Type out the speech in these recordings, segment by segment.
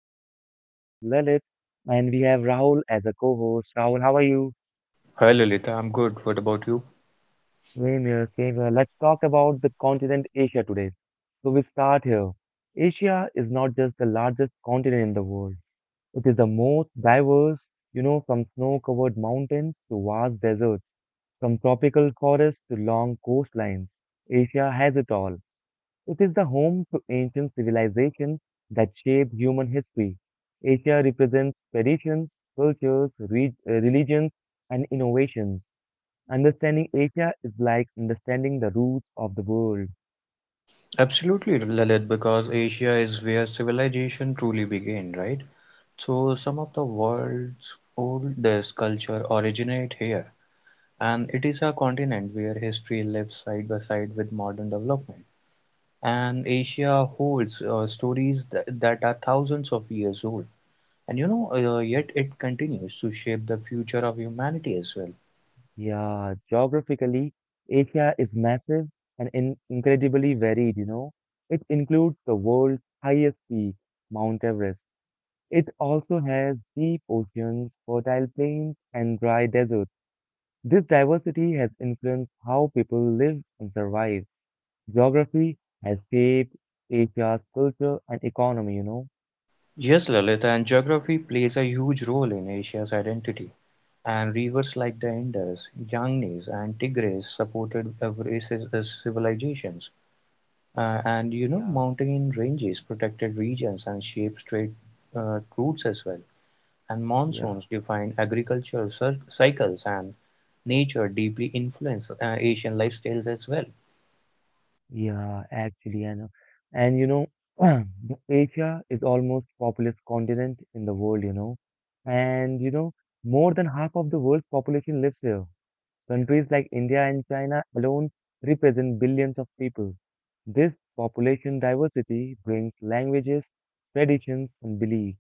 I'm your lovely host, Lalit, and we have Rahul as a co host. Rahul, how are you? Hi Lalitha, I'm good. What about you? Same here, same here. Let's talk about the continent Asia today. So, we start here. Asia is not just the largest continent in the world, it is the most diverse, you know, from snow covered mountains to vast deserts, from tropical forests to long coastlines. Asia has it all. It is the home to ancient civilizations that shaped human history. Asia represents traditions, cultures, religions, and innovations. Understanding Asia is like understanding the roots of the world. Absolutely, Lalit, because Asia is where civilization truly began, right? So some of the world's oldest culture originate here, and it is a continent where history lives side by side with modern development. And Asia holds stories that are thousands of years old, and yet it continues to shape the future of humanity as well. Yeah, geographically, Asia is massive and incredibly varied, you know. It includes the world's highest peak, Mount Everest. It also has deep oceans, fertile plains, and dry deserts. This diversity has influenced how people live and survive. Geography has shaped Asia's culture and economy, you know. Yes, Lalitha, and geography plays a huge role in Asia's identity. And rivers like the Indus, Ganges, and Tigris supported Eurasia's civilizations. Yeah, Mountain ranges protected regions and shaped trade routes as well. And yeah, monsoons defined agricultural cycles, and nature deeply influenced Asian lifestyles as well. yeah, actually, I know. And you know, Asia is almost populous continent in the world, you know. And you know, more than half of the world's population lives here. Countries like India and China alone represent billions of people. This population diversity brings languages, traditions, and beliefs.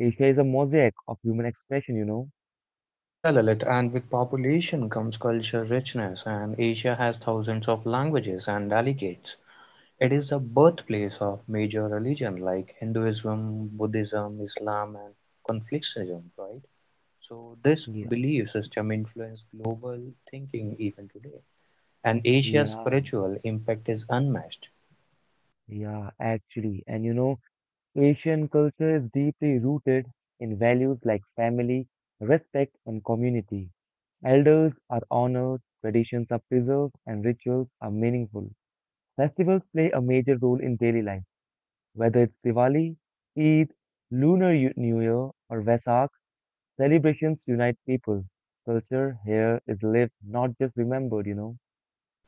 Asia is a mosaic of human expression, you know. Yeah, Lalit, and with population comes culture richness, and Asia has thousands of languages and dialects. It is the birthplace of major religions like Hinduism, Buddhism, Islam and Confucianism. Right. So this Yeah, belief system influenced global thinking even today, and Asia's yeah, spiritual impact is unmatched. yeah, actually. And you know, Asian culture is deeply rooted in values like family, respect, and community. Elders are honored, traditions are preserved, and rituals are meaningful. Festivals play a major role in daily life, whether it's Diwali, Eid, New Year, or Vesak, celebrations unite people. Culture here is lived, not just remembered, you know.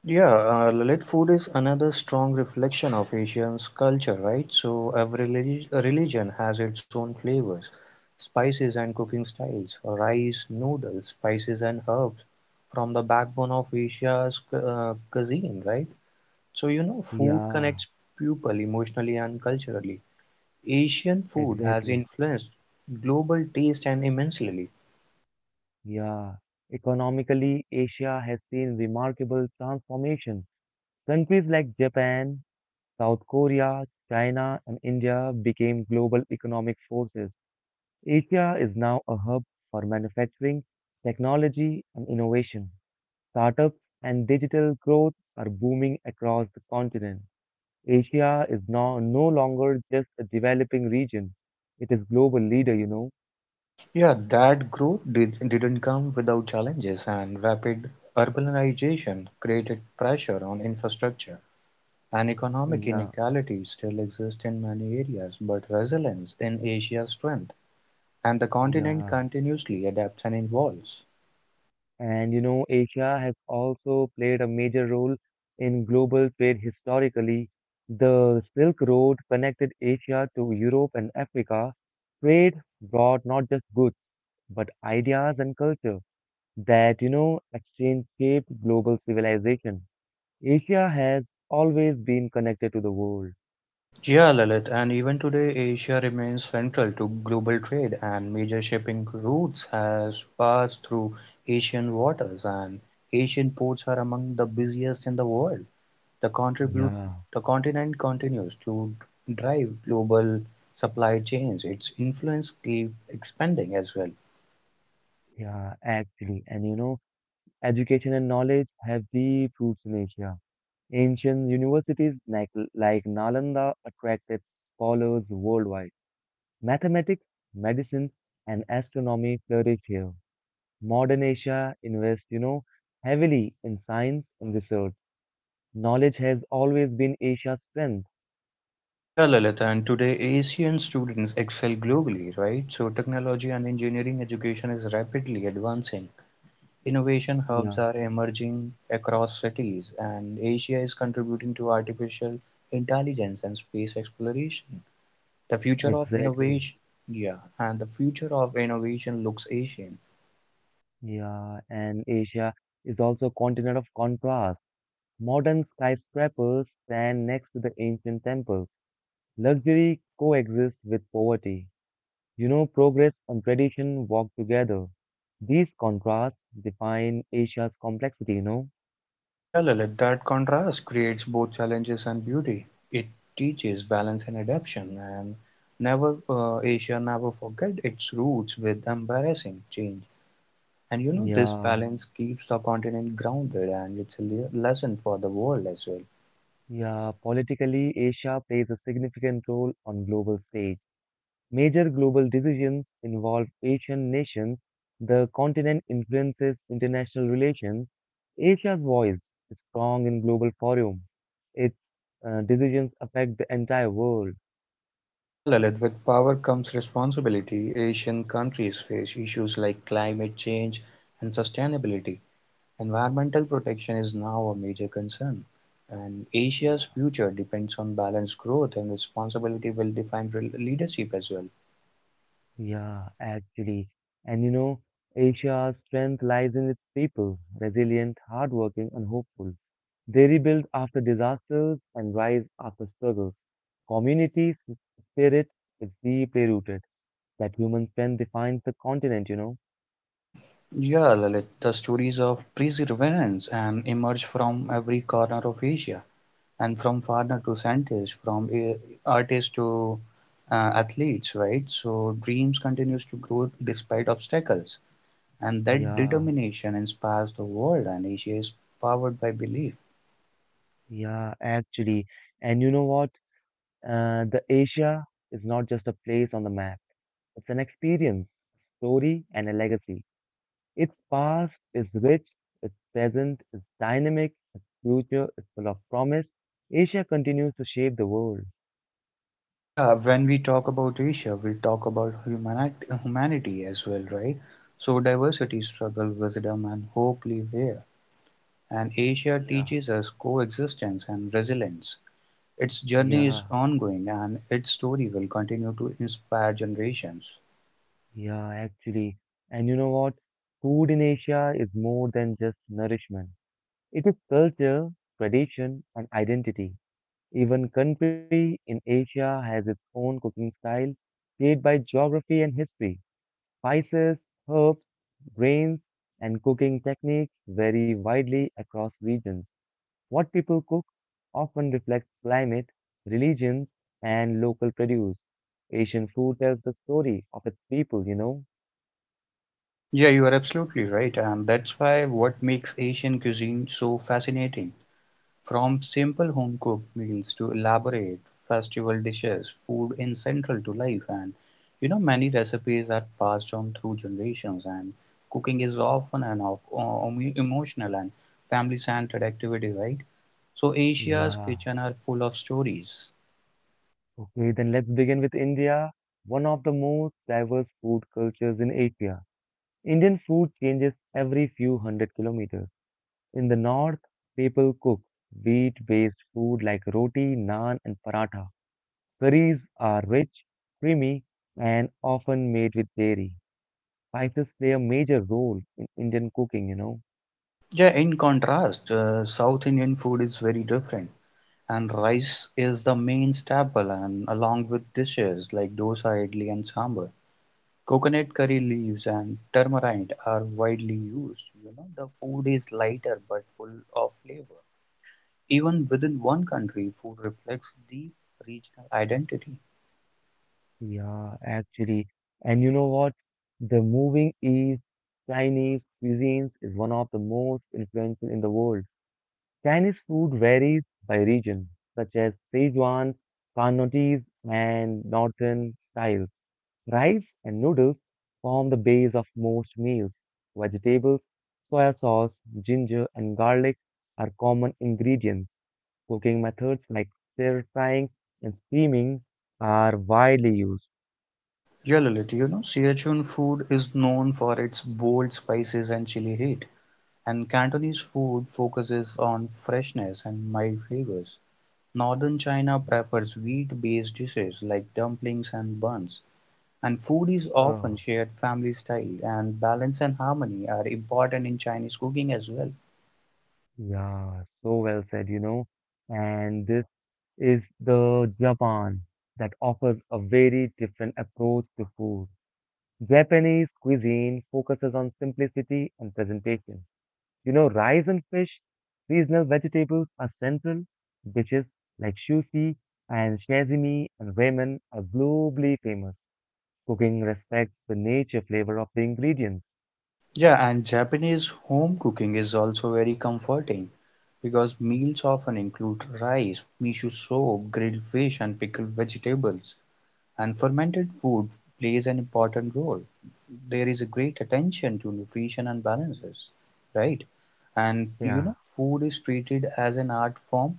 Yeah, Lalit, food is another strong reflection of Asian's culture, right? So every religion has its own flavors, spices and cooking styles, rice, noodles, spices and herbs from the backbone of Asia's cuisine, right? So you know, food Yeah. connects people emotionally and culturally. Asian food has Exactly. influenced global taste and immensely. Yeah. Economically, Asia has seen remarkable transformation. Countries like Japan, South Korea, China, and India became global economic forces. Asia is now a hub for manufacturing, technology, and innovation. Startups and digital growth are booming across the continent. Asia is now no longer just a developing region. It is global leader, you know. Yeah, that didn't come without challenges, and rapid urbanization created pressure on infrastructure, and economic Yeah, inequalities still exist in many areas, but resilience in Asia's strength, and the continent yeah. continuously adapts and evolves. And you know, Asia has also played a major role in global trade historically. The Silk Road connected Asia to Europe and Africa. Trade brought not just goods, but ideas and culture that, you know, exchange shaped global civilization. Asia has always been connected to the world. Yeah, Lalit, and even today, Asia remains central to global trade, and major shipping routes has passed through Asian waters, and Asian ports are among the busiest in the world. The contribute Yeah, the continent continues to drive global supply chains; its influence keep expanding as well. yeah, actually. And you know, education and knowledge have deep roots in Asia. Ancient universities like Nalanda attracted scholars worldwide. Mathematics, medicine, and astronomy flourished here. Modern Asia invests, you know, heavily in science and research. Knowledge has always been Asia's strength. Sure, Lalit, and today Asian students excel globally, right? So technology and engineering education is rapidly advancing. Innovation hubs Yeah, are emerging across cities, and Asia is contributing to artificial intelligence and space exploration. The future of exactly. innovation, yeah, and the future of innovation looks Asian. Yeah, and Asia is also a continent of contrast. Modern skyscrapers stand next to the ancient temples. Luxury coexists with poverty. You know, progress and tradition walk together. These contrasts define Asia's complexity, you know? Yeah, Lalit. That contrast creates both challenges and beauty. It teaches balance and adaptation, and never Asia never forget its roots with embarrassing change. And you know this Yeah, balance keeps the continent grounded, and it's a lesson for the world as well. yeah. Politically, Asia plays a significant role on global stage. Major global decisions involve Asian nations. The continent influences international relations. Asia's voice is strong in global forum. Its decisions affect the entire world. Yeah, Lalit. With power comes responsibility. Asian countries face issues like climate change and sustainability. Environmental protection is now a major concern, and Yeah. Asia's future depends on balanced growth and responsibility will define leadership as well. Yeah, actually. And you know, Asia's strength lies in its people, resilient, hardworking, and hopeful. They rebuild after disasters and rise after struggles. Community s- spirit is deeply rooted. That human strength defines the continent, you know? Yeah, Lalit, the stories of perseverance and emerge from every corner of Asia, and from farmer to scientist, from artist to athletes, right? So dreams continues to grow despite obstacles, and that Yeah, determination inspires the world, and Asia is powered by belief. yeah, actually. And you know what? The Asia is not just a place on the map. It's an experience, story, and a legacy. Its past is rich, its present is dynamic, its future is full of promise. Asia continues to shape the world. Yeah, when we talk about Asia, we'll talk about humanity as well, right? So, diversity, struggle, wisdom, and hope live here. And Asia Yeah, teaches us coexistence and resilience. Its journey is yeah, ongoing and its story will continue to inspire generations. yeah, actually. And you know what? Food in Asia is more than just nourishment. It is culture, tradition, and identity. Even country in Asia has its own cooking style, shaped by geography and history. Spices, herbs, grains, and cooking techniques vary widely across regions. What people cook often reflects climate, religions, and local produce. Asian food tells the story of its people, you know? Yeah, you are absolutely right. And that's why what makes Asian cuisine so fascinating. From simple home-cooked meals to elaborate festival dishes, food is central to life and you know many recipes are passed on through generations and cooking is often an emotional and family-centered activity, right? So Asia's Yeah. kitchen are full of stories. Okay, then let's begin with India, one of the most diverse food cultures in Asia. Indian food changes every few hundred kilometers. In the north, people cook wheat-based food like roti, naan, and paratha. Curries are rich, creamy, and often made with dairy. Spices play a major role in Indian cooking, you know. Yeah, in contrast, South Indian food is very different, and rice is the main staple, and along with dishes like dosa, idli, and sambar. Coconut curry leaves and turmeric are widely used. You know, the food is lighter but full of flavor. Even within one country, food reflects deep regional identity. Yeah, actually. And you know what? The moving East, Chinese cuisines is one of the most influential in the world. Chinese food varies by region, such as Sichuan, Cantonese, and Northern styles. Rice and noodles form the base of most meals. Vegetables, soya sauce, ginger, and garlic are common ingredients. Cooking methods like stir frying and steaming are widely used. Yeah, Lalit, you know, Sichuan food is known for its bold spices and chili heat, and Cantonese food focuses on freshness and mild flavors. Northern China Yeah. prefers wheat-based dishes like dumplings and buns. And food is often Oh, shared family style and balance and harmony are important in Chinese cooking as well. yeah, so well said, you know. And this is the Japan that offers a very different approach to food. Japanese cuisine focuses on simplicity and presentation. You know, rice and fish, seasonal vegetables are central. Dishes like shushi and sashimi and ramen are globally famous. Cooking respects the nature flavor of the ingredients. Yeah, and Japanese home cooking is also very comforting because meals often include rice, miso soup, grilled fish, and pickled vegetables. And fermented food plays an important role. There is a great attention to nutrition and balances, right? And you Yeah, know, food is treated as an art form.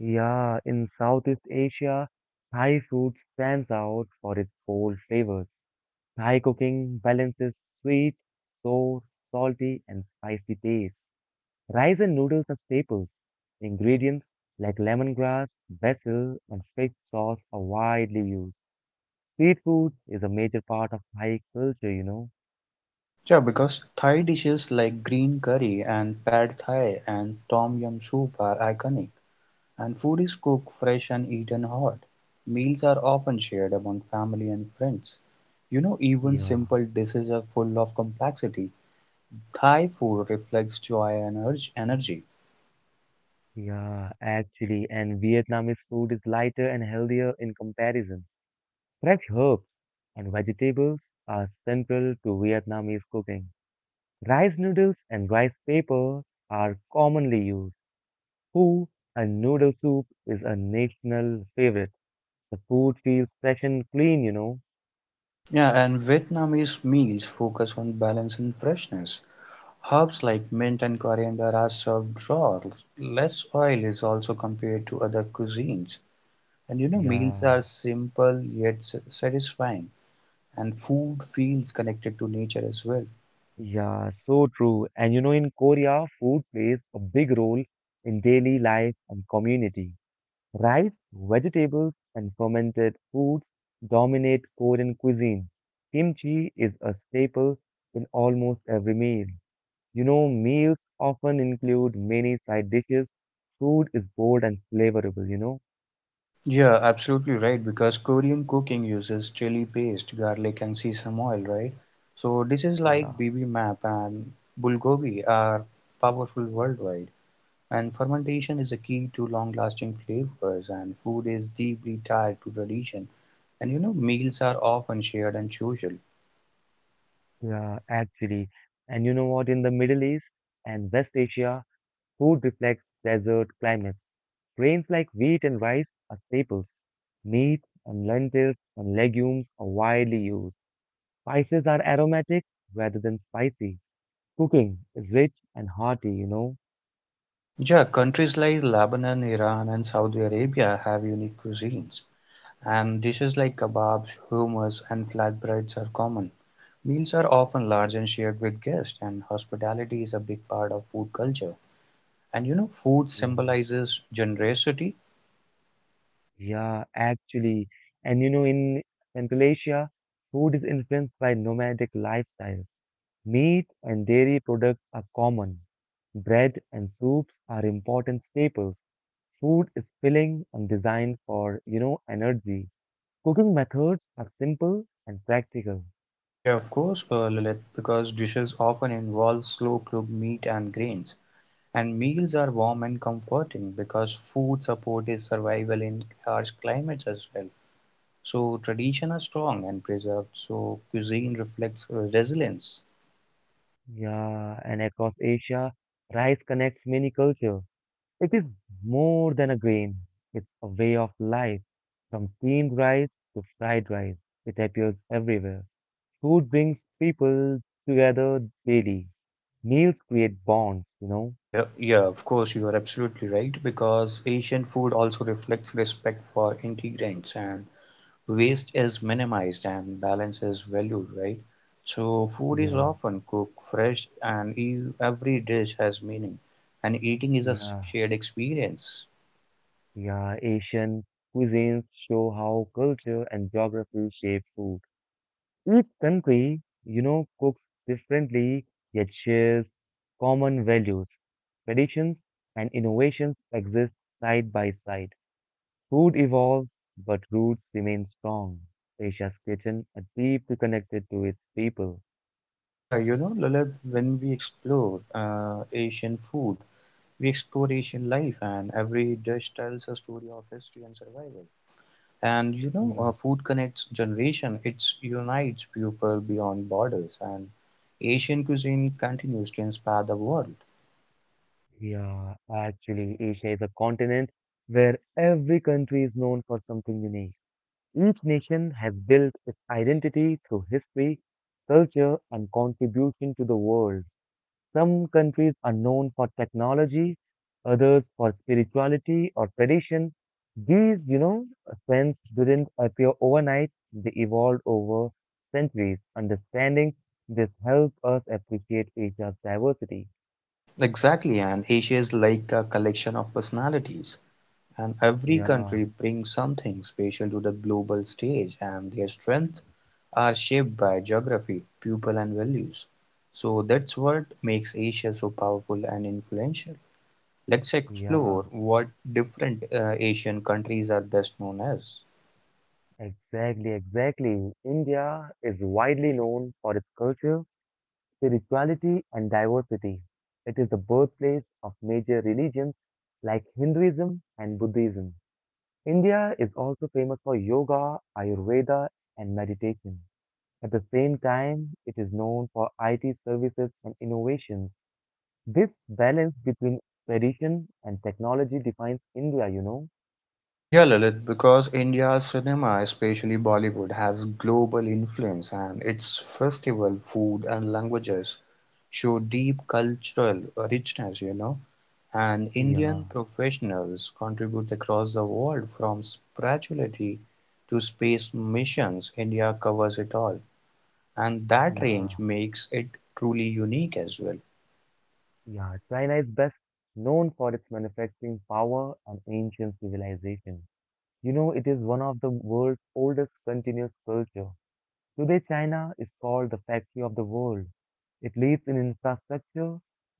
yeah, in Southeast Asia, Thai food stands out for its bold flavors. Thai cooking balances sweet, sour, salty, and spicy taste. Rice and noodles are staples. Ingredients like lemongrass, basil, and fish sauce are widely used. Street food is a major part of Thai culture, you know. Yeah, because Thai dishes like green curry and pad thai and tom yum soup are iconic, and food is cooked fresh and eaten hot. Meals are often shared among family and friends. You know, even Yeah, simple dishes are full of complexity. Thai food reflects joy and energy. yeah, actually, and Vietnamese food is lighter and healthier in comparison. Fresh herbs and vegetables are central to Vietnamese cooking. Rice noodles and rice paper are commonly used. Pho and noodle soup is a national favorite. The food feels fresh and clean, you know. Yeah, and Vietnamese meals focus on balance and freshness. Herbs like mint and coriander are served raw. Less oil is also compared to other cuisines. And you know, meals Yeah, are simple yet satisfying, and food feels connected to nature as well. yeah, so true. And you know, in Korea, food plays a big role in daily life and community. Rice, vegetables, and fermented foods dominate Korean cuisine. Kimchi is a staple in almost every meal. You know, meals often include many side dishes. Food is bold and flavorful, you know. Yeah, absolutely right, because Korean cooking uses chili paste, garlic, and sesame oil, right? So dishes Yeah, like bibimbap and bulgogi are powerful worldwide, and fermentation is a key to long-lasting flavors, and food is deeply tied to tradition. And you know, meals are often shared and social. yeah, actually. And you know what? In the Middle East and West Asia, food reflects desert climates. Grains like wheat and rice are staples. Meat and lentils and legumes are widely used. Spices are aromatic rather than spicy. Cooking is rich and hearty, you know. Yeah, countries like Lebanon, Iran, and Saudi Arabia have unique cuisines, and dishes like kebabs, hummus, and flatbreads are common. Meals are often large and shared with guests, and hospitality is a big part of food culture. And you know, food Yeah, symbolizes generosity. yeah, actually. And you know, in Central Asia, food is influenced by nomadic lifestyles. Meat and dairy products are common. Bread and soups are important staples. Food is filling and designed for, you know, energy. Cooking methods are simple and practical. Yeah, of course, Lilith, because dishes often involve slow cooked meat and grains. And meals are warm and comforting because food support is survival in harsh climates as well. So tradition are strong and preserved. So cuisine reflects resilience. Yeah, and across Asia, rice connects many cultures. It is more than a grain, it's a way of life. From steamed rice to fried rice, it appears everywhere. Food brings people together daily. Meals create bonds, you know? Yeah, yeah, of course, you are absolutely right because Asian food also reflects respect for ingredients and waste is minimized and balance is valued, right? So food is Yeah, often cooked fresh and every dish has meaning and eating is a yeah. shared experience. Yeah, Asian cuisines show how culture and geography shape food. Each country, you know, cooks differently, yet shares common values, traditions, and innovations exist side by side. Food evolves, but roots remain strong. Asia's kitchen are deeply connected to its people. Yeah, you know, Lalit, when we explore Asian food, we explore Asian life, and every dish tells a story of history and survival. And Yeah, food connects generation. It unites people beyond borders, and Asian cuisine continues to inspire the world. yeah. Actually, Asia is a continent where every country is known for something unique. Each nation has built its identity through history, culture, and contribution to the world. Some countries are known for technology, others for spirituality or tradition. These, you know, trends didn't appear overnight, they evolved over centuries. Understanding this helps us appreciate Asia's diversity. Exactly, and Asia is like a collection of personalities, and every Yeah, country brings something special to the global stage, and their strengths are shaped by geography, people, and values. So that's what makes Asia so powerful and influential. Let's yeah, explore what different Asian countries are best known as. exactly, exactly. India is widely known for its culture, spirituality, and diversity. It is the birthplace of major religions like Hinduism and Buddhism. India is also famous for yoga, Ayurveda, and meditation. At the same time, it is known for IT services and innovations. This balance between tradition and technology defines India, you know? Yeah, Lalit, because India's cinema, especially Bollywood, has global influence and its festival, food, and languages show deep cultural richness, you know. And Yeah, Indian professionals contribute across the world from spirituality to space missions. India covers it all, and that yeah, range makes it truly unique as well. yeah. China is best known for its manufacturing power and ancient civilization. You know, it is one of the world's oldest continuous culture. Today, China is called the factory of the world. It leads in infrastructure,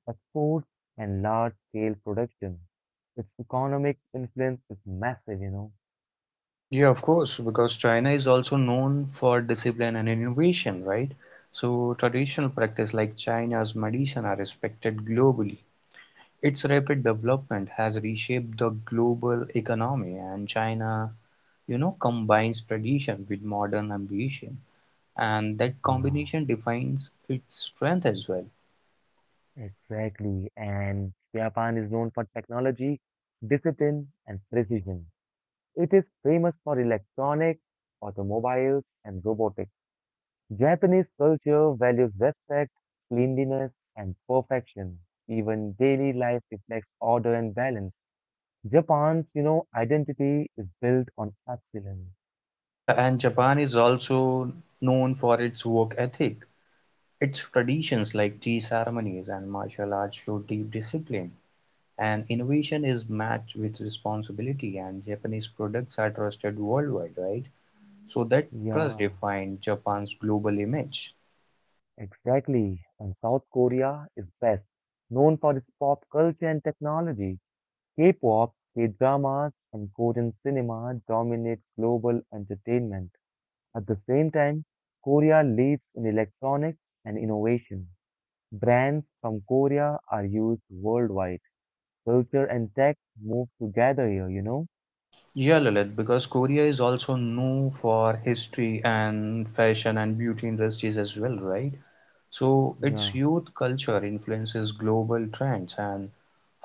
exports, and large-scale production. Its economic influence is massive, you know. Yeah, of course, because China is also known for discipline and innovation, right? So, traditional practice like China's medicine are respected globally. Its rapid development has reshaped the global economy, and China, you know, combines tradition with modern ambition, and that Yeah. combination defines its strength as well. Exactly. And Japan is known for technology, discipline, and precision. It is famous for electronics, automobiles, and robotics. Japanese culture values respect, cleanliness, and perfection. Even daily life reflects order and balance. Japan's, you know, identity is built on excellence. Yeah, and Japan is also known for its work ethic. Its traditions like tea ceremonies and martial arts show deep discipline. And innovation is matched with responsibility, and Japanese products are trusted worldwide, right? So that trust Yeah, defined Japan's global image. exactly. And South Korea is best, known for its pop culture and technology. K-pop, K-dramas, and Korean cinema dominate global entertainment. At the same time, Korea leads in electronics and innovation. Brands from Korea are used worldwide. Culture and tech move together here, you know? Yeah, Lalit, because Korea is also known for history and fashion and beauty industries as well, right? So Yeah, its youth culture influences global trends, and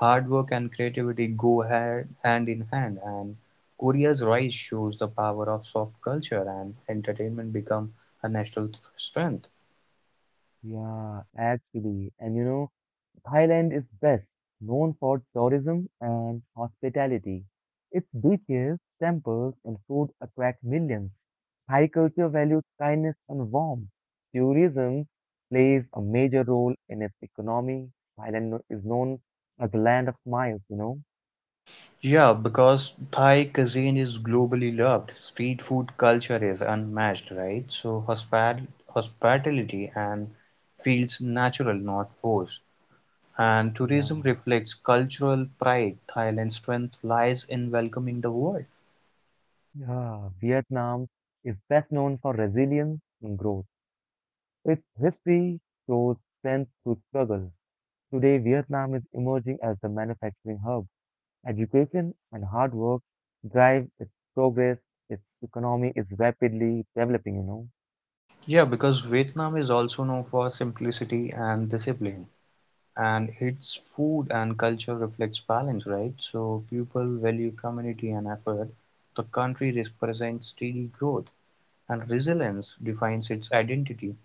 hard work and creativity go hand in hand. And Korea's rise shows the power of soft culture, and entertainment become a national strength. yeah, actually. And you know, Thailand is best known for tourism and hospitality. Its beaches, temples, and food attract millions. Thai culture values kindness and warmth. Tourism plays a major role in its economy. Thailand is known as the land of smiles, you know? Yeah, because Thai cuisine is globally loved. Street food culture is unmatched, right? So hospitality and feels natural, not forced. And Yeah. tourism reflects cultural pride. Thailand's strength lies in welcoming the world. Yeah, Vietnam is best known for resilience and growth. Its history shows strength through struggle. Today, Vietnam is emerging as the manufacturing hub. Education and hard work drive its progress. Its economy is rapidly developing, you know. Yeah, because Vietnam is also known for simplicity and discipline, and its food and culture reflects balance, right? So people value community and effort. The country represents steady growth and resilience defines its identity.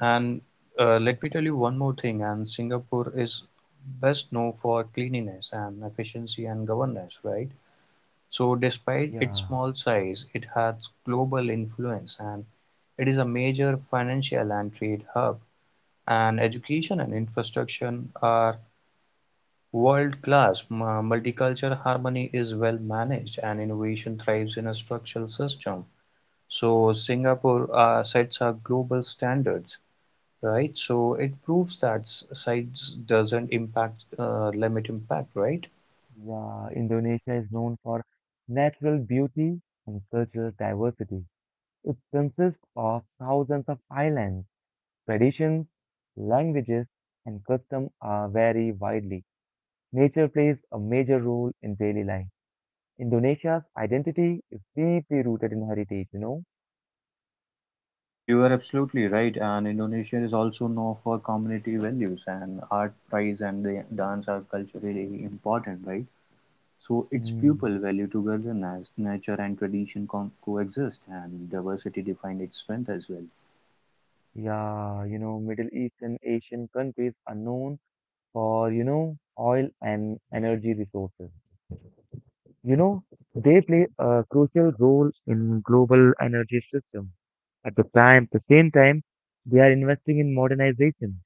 And let me tell you one more thing. And Singapore is best known for cleanliness and efficiency and governance, right? So, despite its Yeah, small size, it has global influence and it is a major financial and trade hub. And education and infrastructure are world class. Multicultural harmony is well managed, and innovation thrives in a structural system. So Singapore sets are global standards, right? So it proves that sites doesn't impact limit impact, right? yeah. Indonesia is known for natural beauty and cultural diversity. It consists of thousands of islands. Traditions, languages, and customs are vary widely. Nature plays a major role in daily life. Indonesia's identity is deeply rooted in heritage, you know. Yeah, you are absolutely right. And Indonesia is also known for community values and art, prize, and the dance are culturally important, right? So its Hmm. people value togetherness, nature, and tradition co coexist, and diversity define its strength as well. Yeah, Middle Eastern Asian countries are known for, oil and energy resources. You know, they play a crucial role in global energy system. At the same time, they are investing in modernization.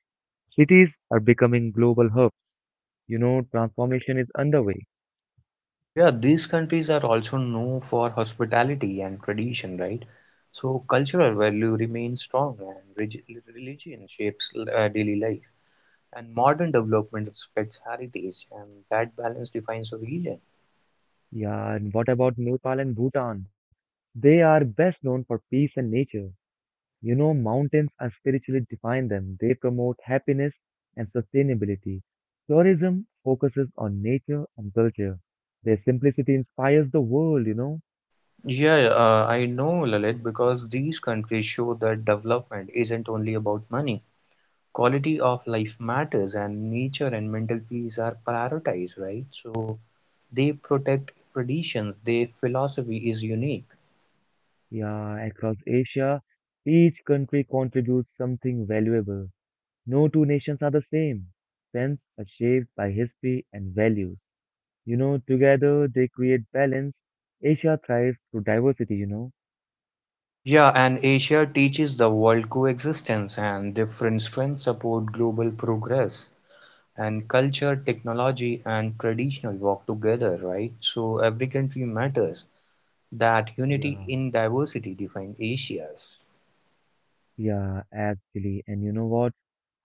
Cities are becoming global hubs. Transformation is underway. Yeah, these countries are also known for hospitality and tradition, right? So cultural value remains strong and religion shapes daily life. And modern development respects heritage, and that balance defines a region. Yeah, and what about Nepal and Bhutan? They are best known for peace and nature. Mountains are spiritually define them. They promote happiness and sustainability. Tourism focuses on nature and culture. Their simplicity inspires the world. Yeah, I know, Lalit, because these countries show that development isn't only about money. Quality of life matters, and nature and mental peace are prioritized, right? So they protect traditions, their philosophy is unique. Yeah, across Asia, each country contributes something valuable. No two nations are the same. Friends are shaped by history and values. Together they create balance. Asia thrives through diversity. Yeah, and Asia teaches the world coexistence and different strengths support global progress. And culture, technology, and traditional work together, right? So every country matters. That unity Yeah, in diversity defines Asia's. yeah, actually. And you know what?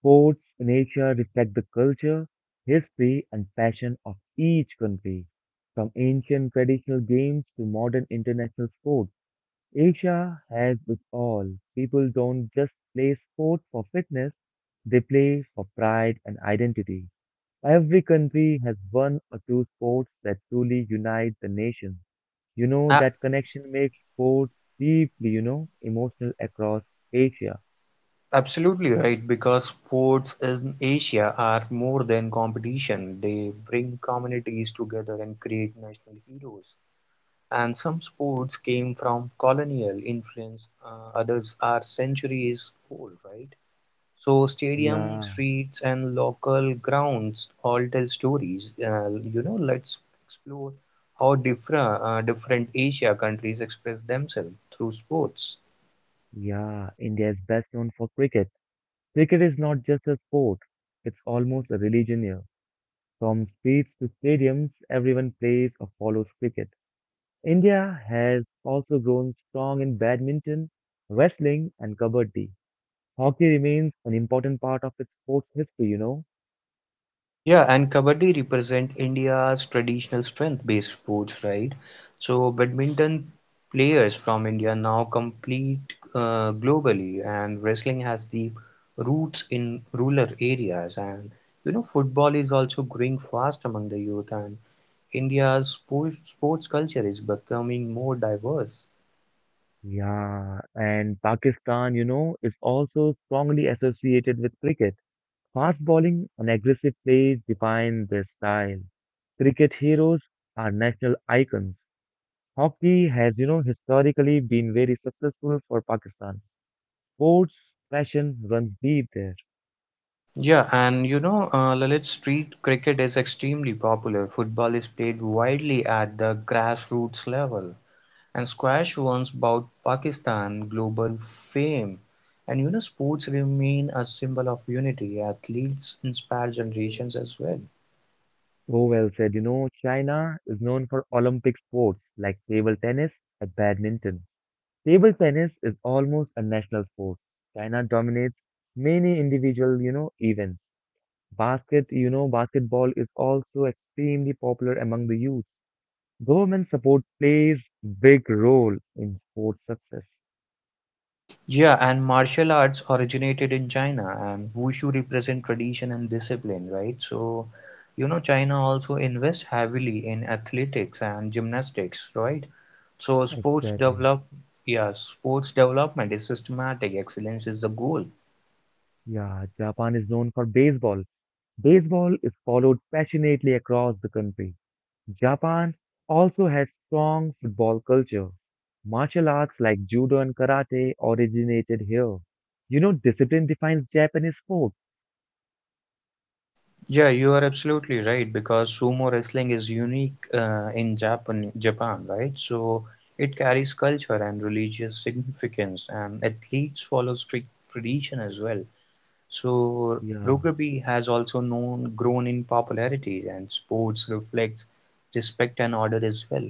Sports in Asia reflect the culture, history, and passion of each country, from ancient traditional games to modern international sports. Asia has it all. People don't just play sport for fitness, they play for pride and identity. Every country has one or two sports that truly unite the nation. A- That connection makes sports deeply, emotional across Asia. Absolutely right, because sports in Asia are more than competition. They bring communities together and create national heroes. And some sports came from colonial influence, others are centuries old, right? So stadium, Yeah, streets, and local grounds all tell stories. You know, let's explore how different Asia countries express themselves through sports. yeah, India is best known for cricket. Cricket is not just a sport, it's almost a religion here. From streets to stadiums, everyone plays or follows cricket. India has also grown strong in badminton, wrestling, and kabaddi. Hockey remains an important part of its sports history. Yeah, and Kabaddi represent India's traditional strength-based sports, right? So badminton players from India now compete globally, and wrestling has deep roots in rural areas. And you know, football is also growing fast among the youth, and India's sports culture is becoming more diverse. Yeah, and Pakistan, is also strongly associated with cricket. Fast bowling and aggressive play define their style. Cricket heroes are national icons. Hockey has, historically been very successful for Pakistan. Sports passion runs deep there. Yeah, and you know, Lalit, street cricket is extremely popular. Football is played widely at the grassroots level. And squash once brought Pakistan global fame. And you know, sports remain a symbol of unity. Athletes inspire generations as well. So well said. China is known for Olympic sports like table tennis and badminton. Table tennis is almost a national sport. China dominates many individual, events. Basketball is also extremely popular among the youth. Government support plays big role in sports success. Yeah, and martial arts originated in China, and wushu represent tradition and discipline, right? So, you know, China also invests heavily in athletics and gymnastics, right? So, sports Exactly. develop, yeah, sports development is systematic. Excellence is the goal. Yeah, Japan is known for baseball. Baseball is followed passionately across the country. Japan also has strong football culture. Martial arts like judo and karate originated here. Discipline defines Japanese sport. Yeah, you are absolutely right because sumo wrestling is unique in Japan, right? So it carries culture and religious significance, and athletes follow strict tradition as well. So Yeah, Rogabe has also known grown in popularity, and sports reflects respect and order as well.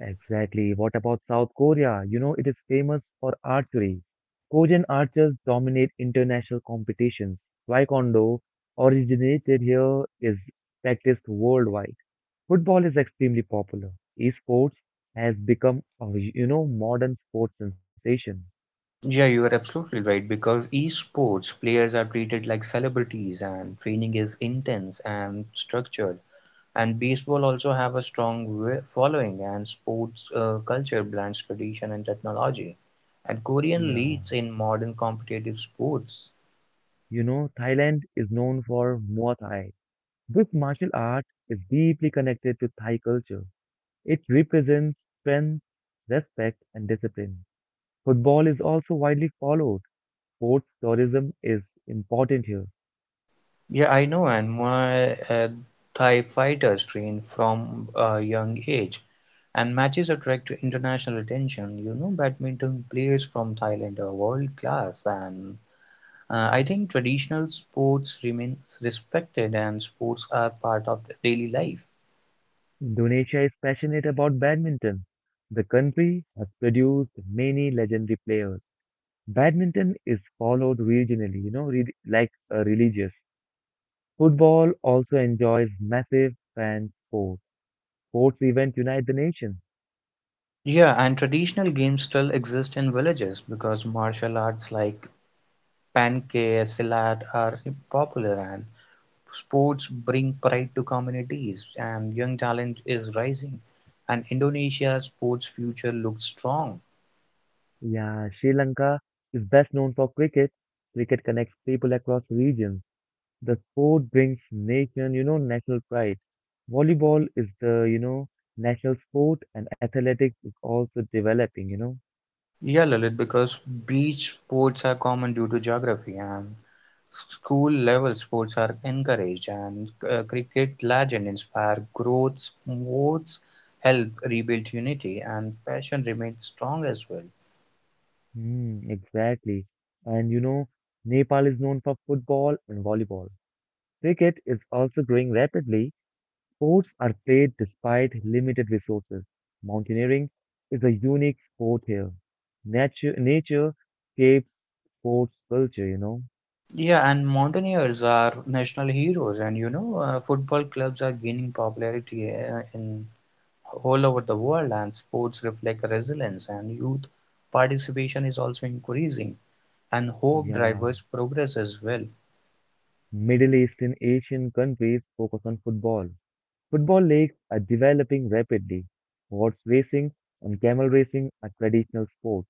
exactly. What about South Korea? It is famous for archery. Korean archers dominate international competitions. Taekwondo, originated here, is practiced worldwide. Football is extremely popular. Esports has become a, modern sports sensation. Yeah, you are absolutely right because esports players are treated like celebrities, and training is intense and structured. And baseball also have a strong following and sports culture blends tradition and technology. And Korean Yeah. leads in modern competitive sports. Thailand is known for Muay Thai. This martial art is deeply connected to Thai culture. It represents strength, respect, and discipline. Football is also widely followed. Sports tourism is important here. Yeah, I know. And my Thai fighters train from a young age, and matches attract international attention. You know, badminton players from Thailand are world class, and I think traditional sports remains respected, and sports are part of daily life. Indonesia is passionate about badminton. The country has produced many legendary players. Badminton is followed regionally, like a religious. Football also enjoys massive fan support. Sports events unite the nation. Yeah, and traditional games still exist in villages because martial arts like panke, silat are popular and sports bring pride to communities and young talent is rising and Indonesia's sports future looks strong. Yeah, Sri Lanka is best known for cricket. Cricket connects people across regions. The sport brings national pride. Volleyball is the, national sport and athletics is also developing. Yeah, Lalit, because beach sports are common due to geography and school level sports are encouraged and cricket legends inspire growth. Sports help rebuild unity and passion remains strong as well. Mm, exactly. And Nepal is known for football and volleyball. Cricket is also growing rapidly. Sports are played despite limited resources. Mountaineering is a unique sport here. Nature shapes sports culture. Yeah, and mountaineers are national heroes, and you know, football clubs are gaining popularity in all over the world, and sports reflect resilience, and youth participation is also increasing, and hope Yeah. drivers progress as well. Middle Eastern Asian countries focus on football. Football leagues are developing rapidly. Horse racing and camel racing are traditional sports.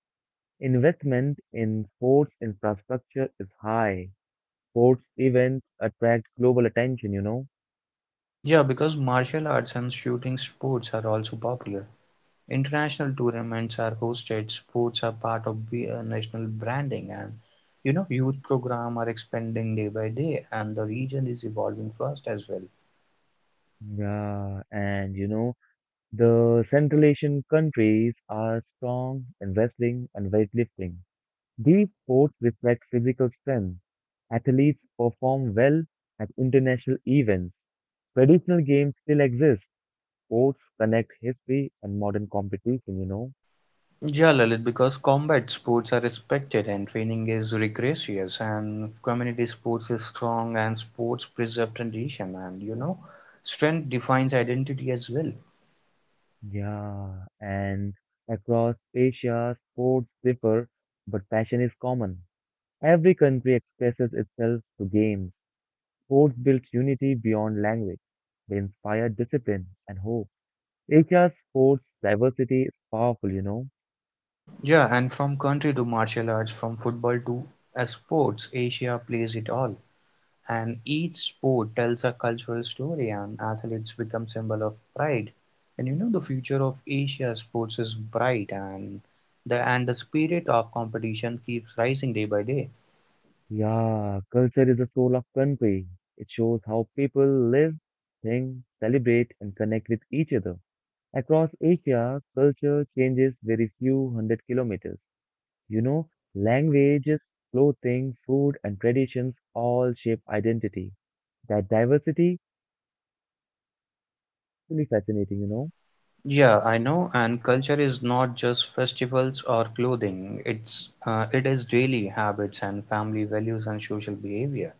Investment in sports infrastructure is high. Sports events attract global attention. Yeah, because martial arts and shooting sports are also popular. International tournaments are hosted, sports are part of the, national branding and you know youth program are expanding day by day and the region is evolving fast as well. Yeah, and the Central Asian countries are strong in wrestling and weightlifting. These sports reflect physical strength. Athletes perform well at international events. Traditional games still exist. Sports connect history and modern competition. Yeah, Lalit, because combat sports are respected and training is rigorous and community sports is strong and sports preserve tradition and you know strength defines identity as well. Yeah, and across Asia, sports differ, but passion is common. Every country expresses itself through games. Sports builds unity beyond language. They inspire discipline and hope. Asia's sports diversity is powerful. Yeah, and from country to martial arts, from football to as sports, Asia plays it all. And each sport tells a cultural story and athletes become symbol of pride. And you know the future of Asia sports is bright and the spirit of competition keeps rising day by day. Yeah, culture is the soul of country. It shows how people live, think, celebrate, and connect with each other. Across Asia, culture changes very few hundred kilometers. You know, Languages, clothing, food, and traditions all shape identity. That diversity is really fascinating. Yeah, I know. And culture is not just festivals or clothing. It is daily habits and family values and social behavior.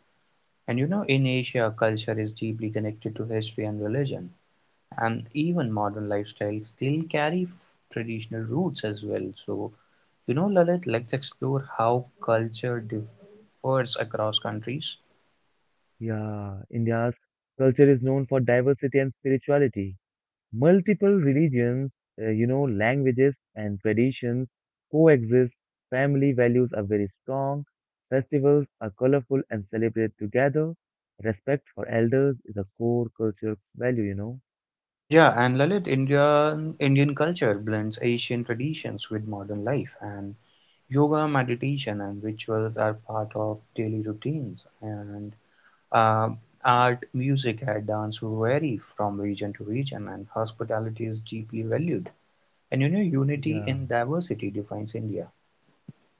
And you know, in Asia, culture is deeply connected to history and religion. And even modern lifestyles still carry traditional roots as well, so you know, Lalit, let's explore how culture differs across countries. Yeah, India's culture is known for diversity and spirituality. Multiple religions, languages and traditions coexist. Family values are very strong. Festivals are colorful and celebrated together. Respect for elders is a core cultural value. Yeah, and Lalit, Indian culture blends Asian traditions with modern life, and yoga meditation and rituals are part of daily routines, and um, art music and dance vary from region to region, and hospitality is deeply valued, and you know, unity Yeah. in diversity defines India.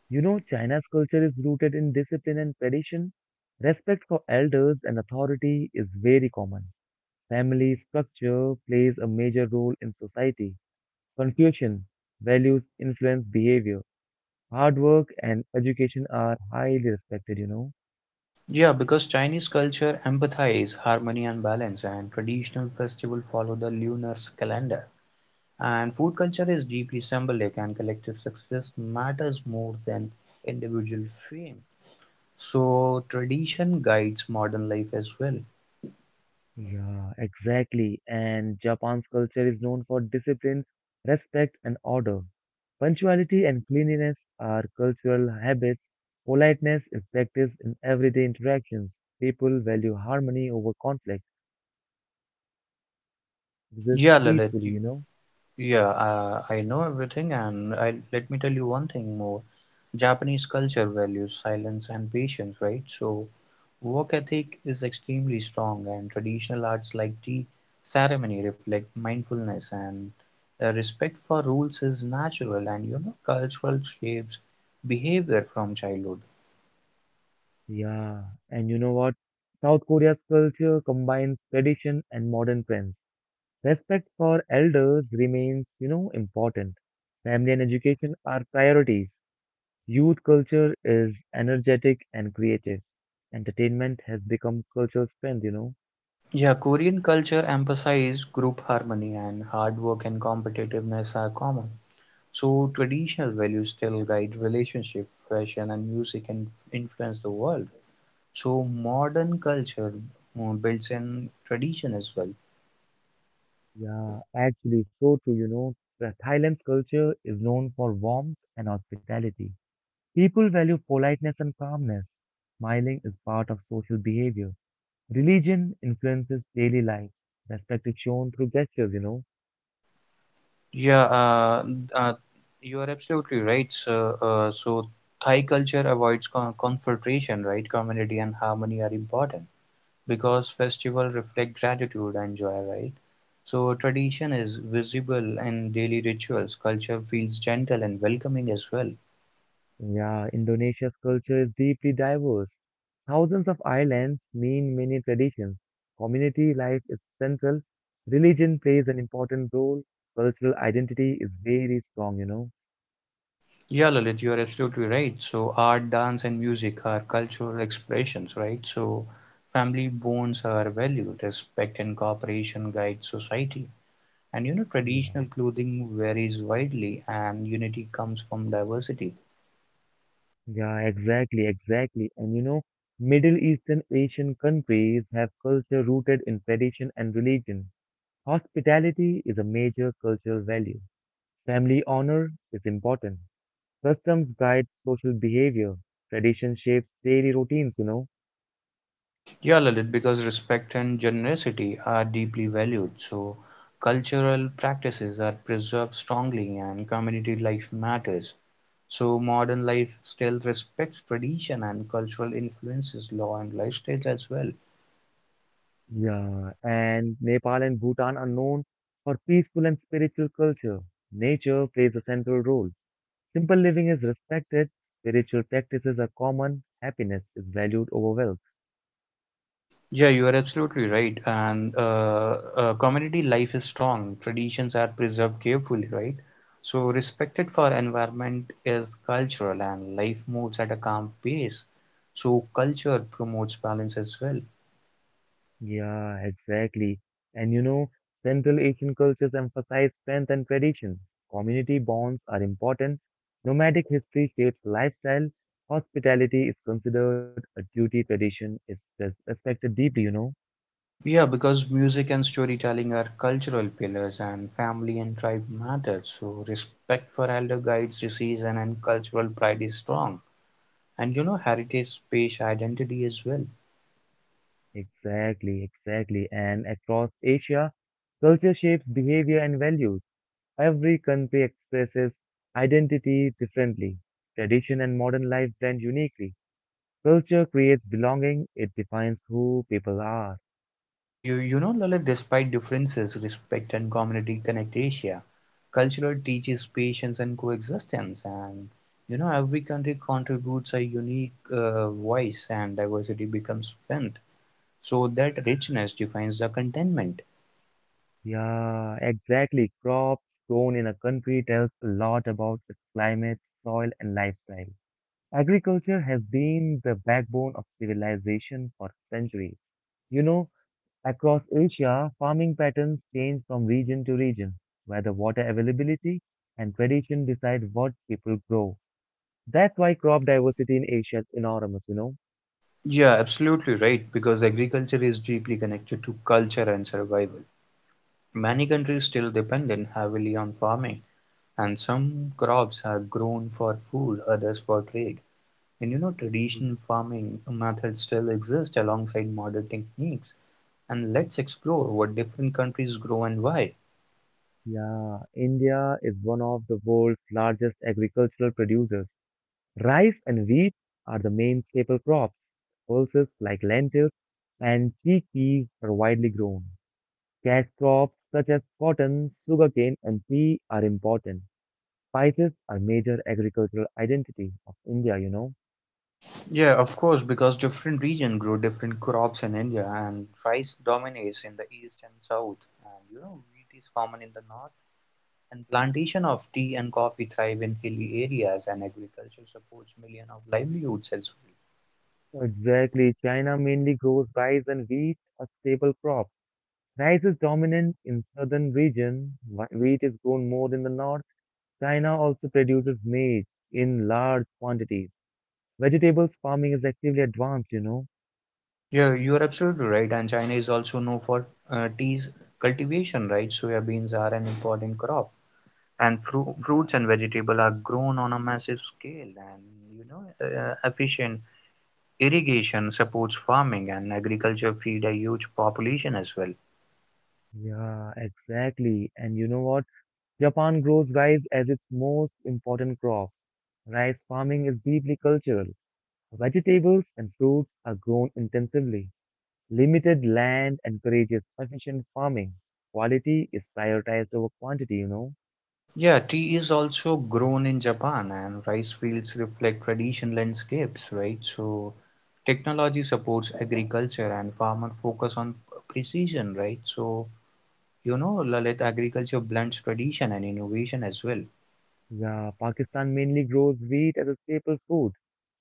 China's culture is rooted in discipline and tradition. Respect for elders and authority is very common. Family structure plays a major role in society. Confucian values influence behavior. Hard work and education are highly respected. Yeah, because Chinese culture empathize harmony and balance, and traditional festival follow the lunar calendar. And food culture is deeply symbolic, and collective success matters more than individual fame. So tradition guides modern life as well. Yeah, exactly. And Japan's culture is known for discipline, respect, and order. Punctuality and cleanliness are cultural habits. Politeness is practiced in everyday interactions. People value harmony over conflict, exist Yeah, Lalit. peacefully, you know? Yeah, I know everything, and I, let me tell you one thing more. Japanese culture values silence and patience, right? So work ethic is extremely strong, and traditional arts like tea ceremony reflect mindfulness, and the respect for rules is natural, and you know cultural shapes behavior from childhood. Yeah, and you know what? South Korea's culture combines tradition and modern trends. Respect for elders remains, important. Family and education are priorities. Youth culture is energetic and creative. Entertainment has become cultural strength. Yeah, Korean culture emphasized group harmony and hard work and competitiveness are common. So traditional values still guide relationship, fashion and music and influence the world. So modern culture builds in tradition as well. Yeah, actually, so too. The Thailand's culture is known for warmth and hospitality. People value politeness and calmness. Smiling is part of social behavior. Religion influences daily life. Respect is shown through gestures. Yeah, uh, you are absolutely right. So, so Thai culture avoids confrontation, right? Community and harmony are important because festival reflect gratitude and joy, right? So tradition is visible in daily rituals. Culture feels gentle and welcoming as well. Yeah, Indonesia's culture is deeply diverse. Thousands of islands mean many traditions. Community life is central. Religion plays an important role. Cultural identity is very strong. Yeah, Lalit, you are absolutely right. So art, dance, and music are cultural expressions, right? So family bonds are valued. Respect and cooperation guide society. And you know, Yeah. traditional clothing varies widely, and unity comes from diversity. Yeah, exactly, exactly. And Middle Eastern Asian countries have culture rooted in tradition and religion. Hospitality is a major cultural value. Family honor is important. Customs guide social behavior. Tradition shapes daily routines. Yeah, Lalit, because respect and generosity are deeply valued, so cultural practices are preserved strongly, and community life matters. So, modern life still respects tradition and cultural influences, law, and lifestyles as well. Yeah, and Nepal and Bhutan are known for peaceful and spiritual culture. Nature plays a central role. Simple living is respected, spiritual practices are common, happiness is valued over wealth. Yeah, you are absolutely right. And community life is strong. Traditions are preserved carefully, right? So respected for environment is cultural, and life moves at a calm pace. So culture promotes balance as well. Yeah, exactly. And Central Asian cultures emphasize strength and tradition. Community bonds are important. Nomadic history shapes lifestyle. Hospitality is considered a duty. Tradition is respected deeply. Yeah, because music and storytelling are cultural pillars, and family and tribe matter. So respect for elder guides disease, season, and cultural pride is strong. And you know, heritage, space, identity as well. Exactly, exactly. And across Asia, culture shapes behavior and values. Every country expresses identity differently. Tradition and modern life blend uniquely. Culture creates belonging, it defines who people are. Well, you know, Lalit, despite differences, respect and community connect Asia. Culture teaches patience and coexistence, and you know, every country contributes a unique voice, and diversity becomes strength. So that richness defines the contentment. Yeah, exactly. Crops grown in a country tells a lot about its climate, soil, and lifestyle. Agriculture has been the backbone of civilization for centuries. You know, Across Asia, farming patterns change from region to region, where the water availability and tradition decide what people grow. That's why crop diversity in Asia is enormous. Yeah, absolutely right, because agriculture is deeply connected to culture and survival. Many countries still dependent heavily on farming, and some crops are grown for food, others for trade. And you know, Y- traditional farming methods still exist alongside modern techniques. And let's explore what different countries grow and why. Yeah, India is one of the world's largest agricultural producers. Rice and wheat are the main staple crops. Pulses like lentils and chickpeas are widely grown. Cash crops such as cotton, sugarcane, and tea are important. Spices are major agricultural identity of India. Yeah, of course, because different regions grow different crops in India, and rice dominates in the east and south. And you know, wheat is common in the north. And plantation of tea and coffee thrive in hilly areas, and agriculture supports millions of livelihoods as well. Exactly. China mainly grows rice and wheat, a staple crop. Rice is dominant in southern region, wheat is grown more in the north. China also produces maize in large quantities. Vegetables farming is actively advanced. Yeah, you are absolutely right. And China is also known for tea's cultivation, right? Soya beans are an important crop, and fruits Yeah. and vegetable are grown on a massive scale, and you know, efficient irrigation supports farming, and agriculture feed a huge population as well. Yeah, exactly. And you know what? Japan grows rice as its most important crop. Rice farming is deeply cultural. Vegetables and fruits are grown intensively. Limited land encourages efficient farming. Quality is prioritized over quantity. Yeah, tea is also grown in Japan, and rice fields reflect traditional landscapes, right? So technology supports agriculture and farmer focus on precision, right? So you know, Lalit, agriculture blends tradition and innovation as well. Yeah, Pakistan mainly grows wheat as a staple food.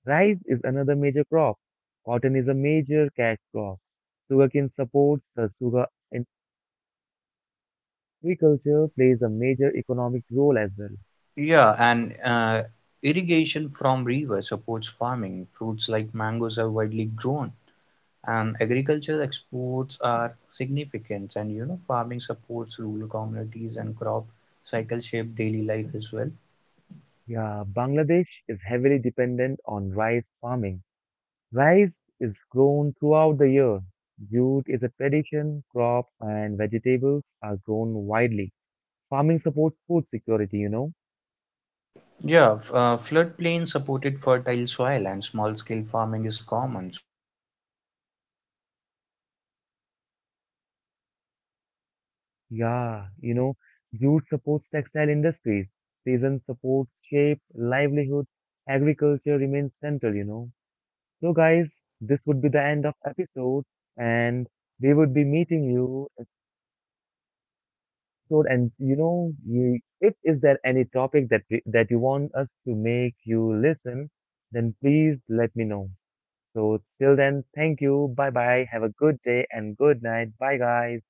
Rice is another major crop. Cotton is a major cash crop. Sugarcane supports the sugar and agriculture plays a major economic role as well. Yeah, and irrigation from rivers supports farming. Fruits like mangoes are widely grown, and agricultural exports are significant. And you know, farming supports rural communities and crop cycle shape daily life as well. Yeah, Bangladesh is heavily dependent on rice farming. Rice is grown throughout the year. Jute is a tradition crop and vegetables are grown widely. Farming supports food security. Yeah, floodplains Yeah, jute supports textile industries. Season supports shape, livelihood. Agriculture remains central. So guys, this would be the end of episode and we would be meeting you episode and if is there any topic that that you want us to make you listen, then please let me know. So till then, thank you. Bye bye. Have a good day and good night. Bye guys.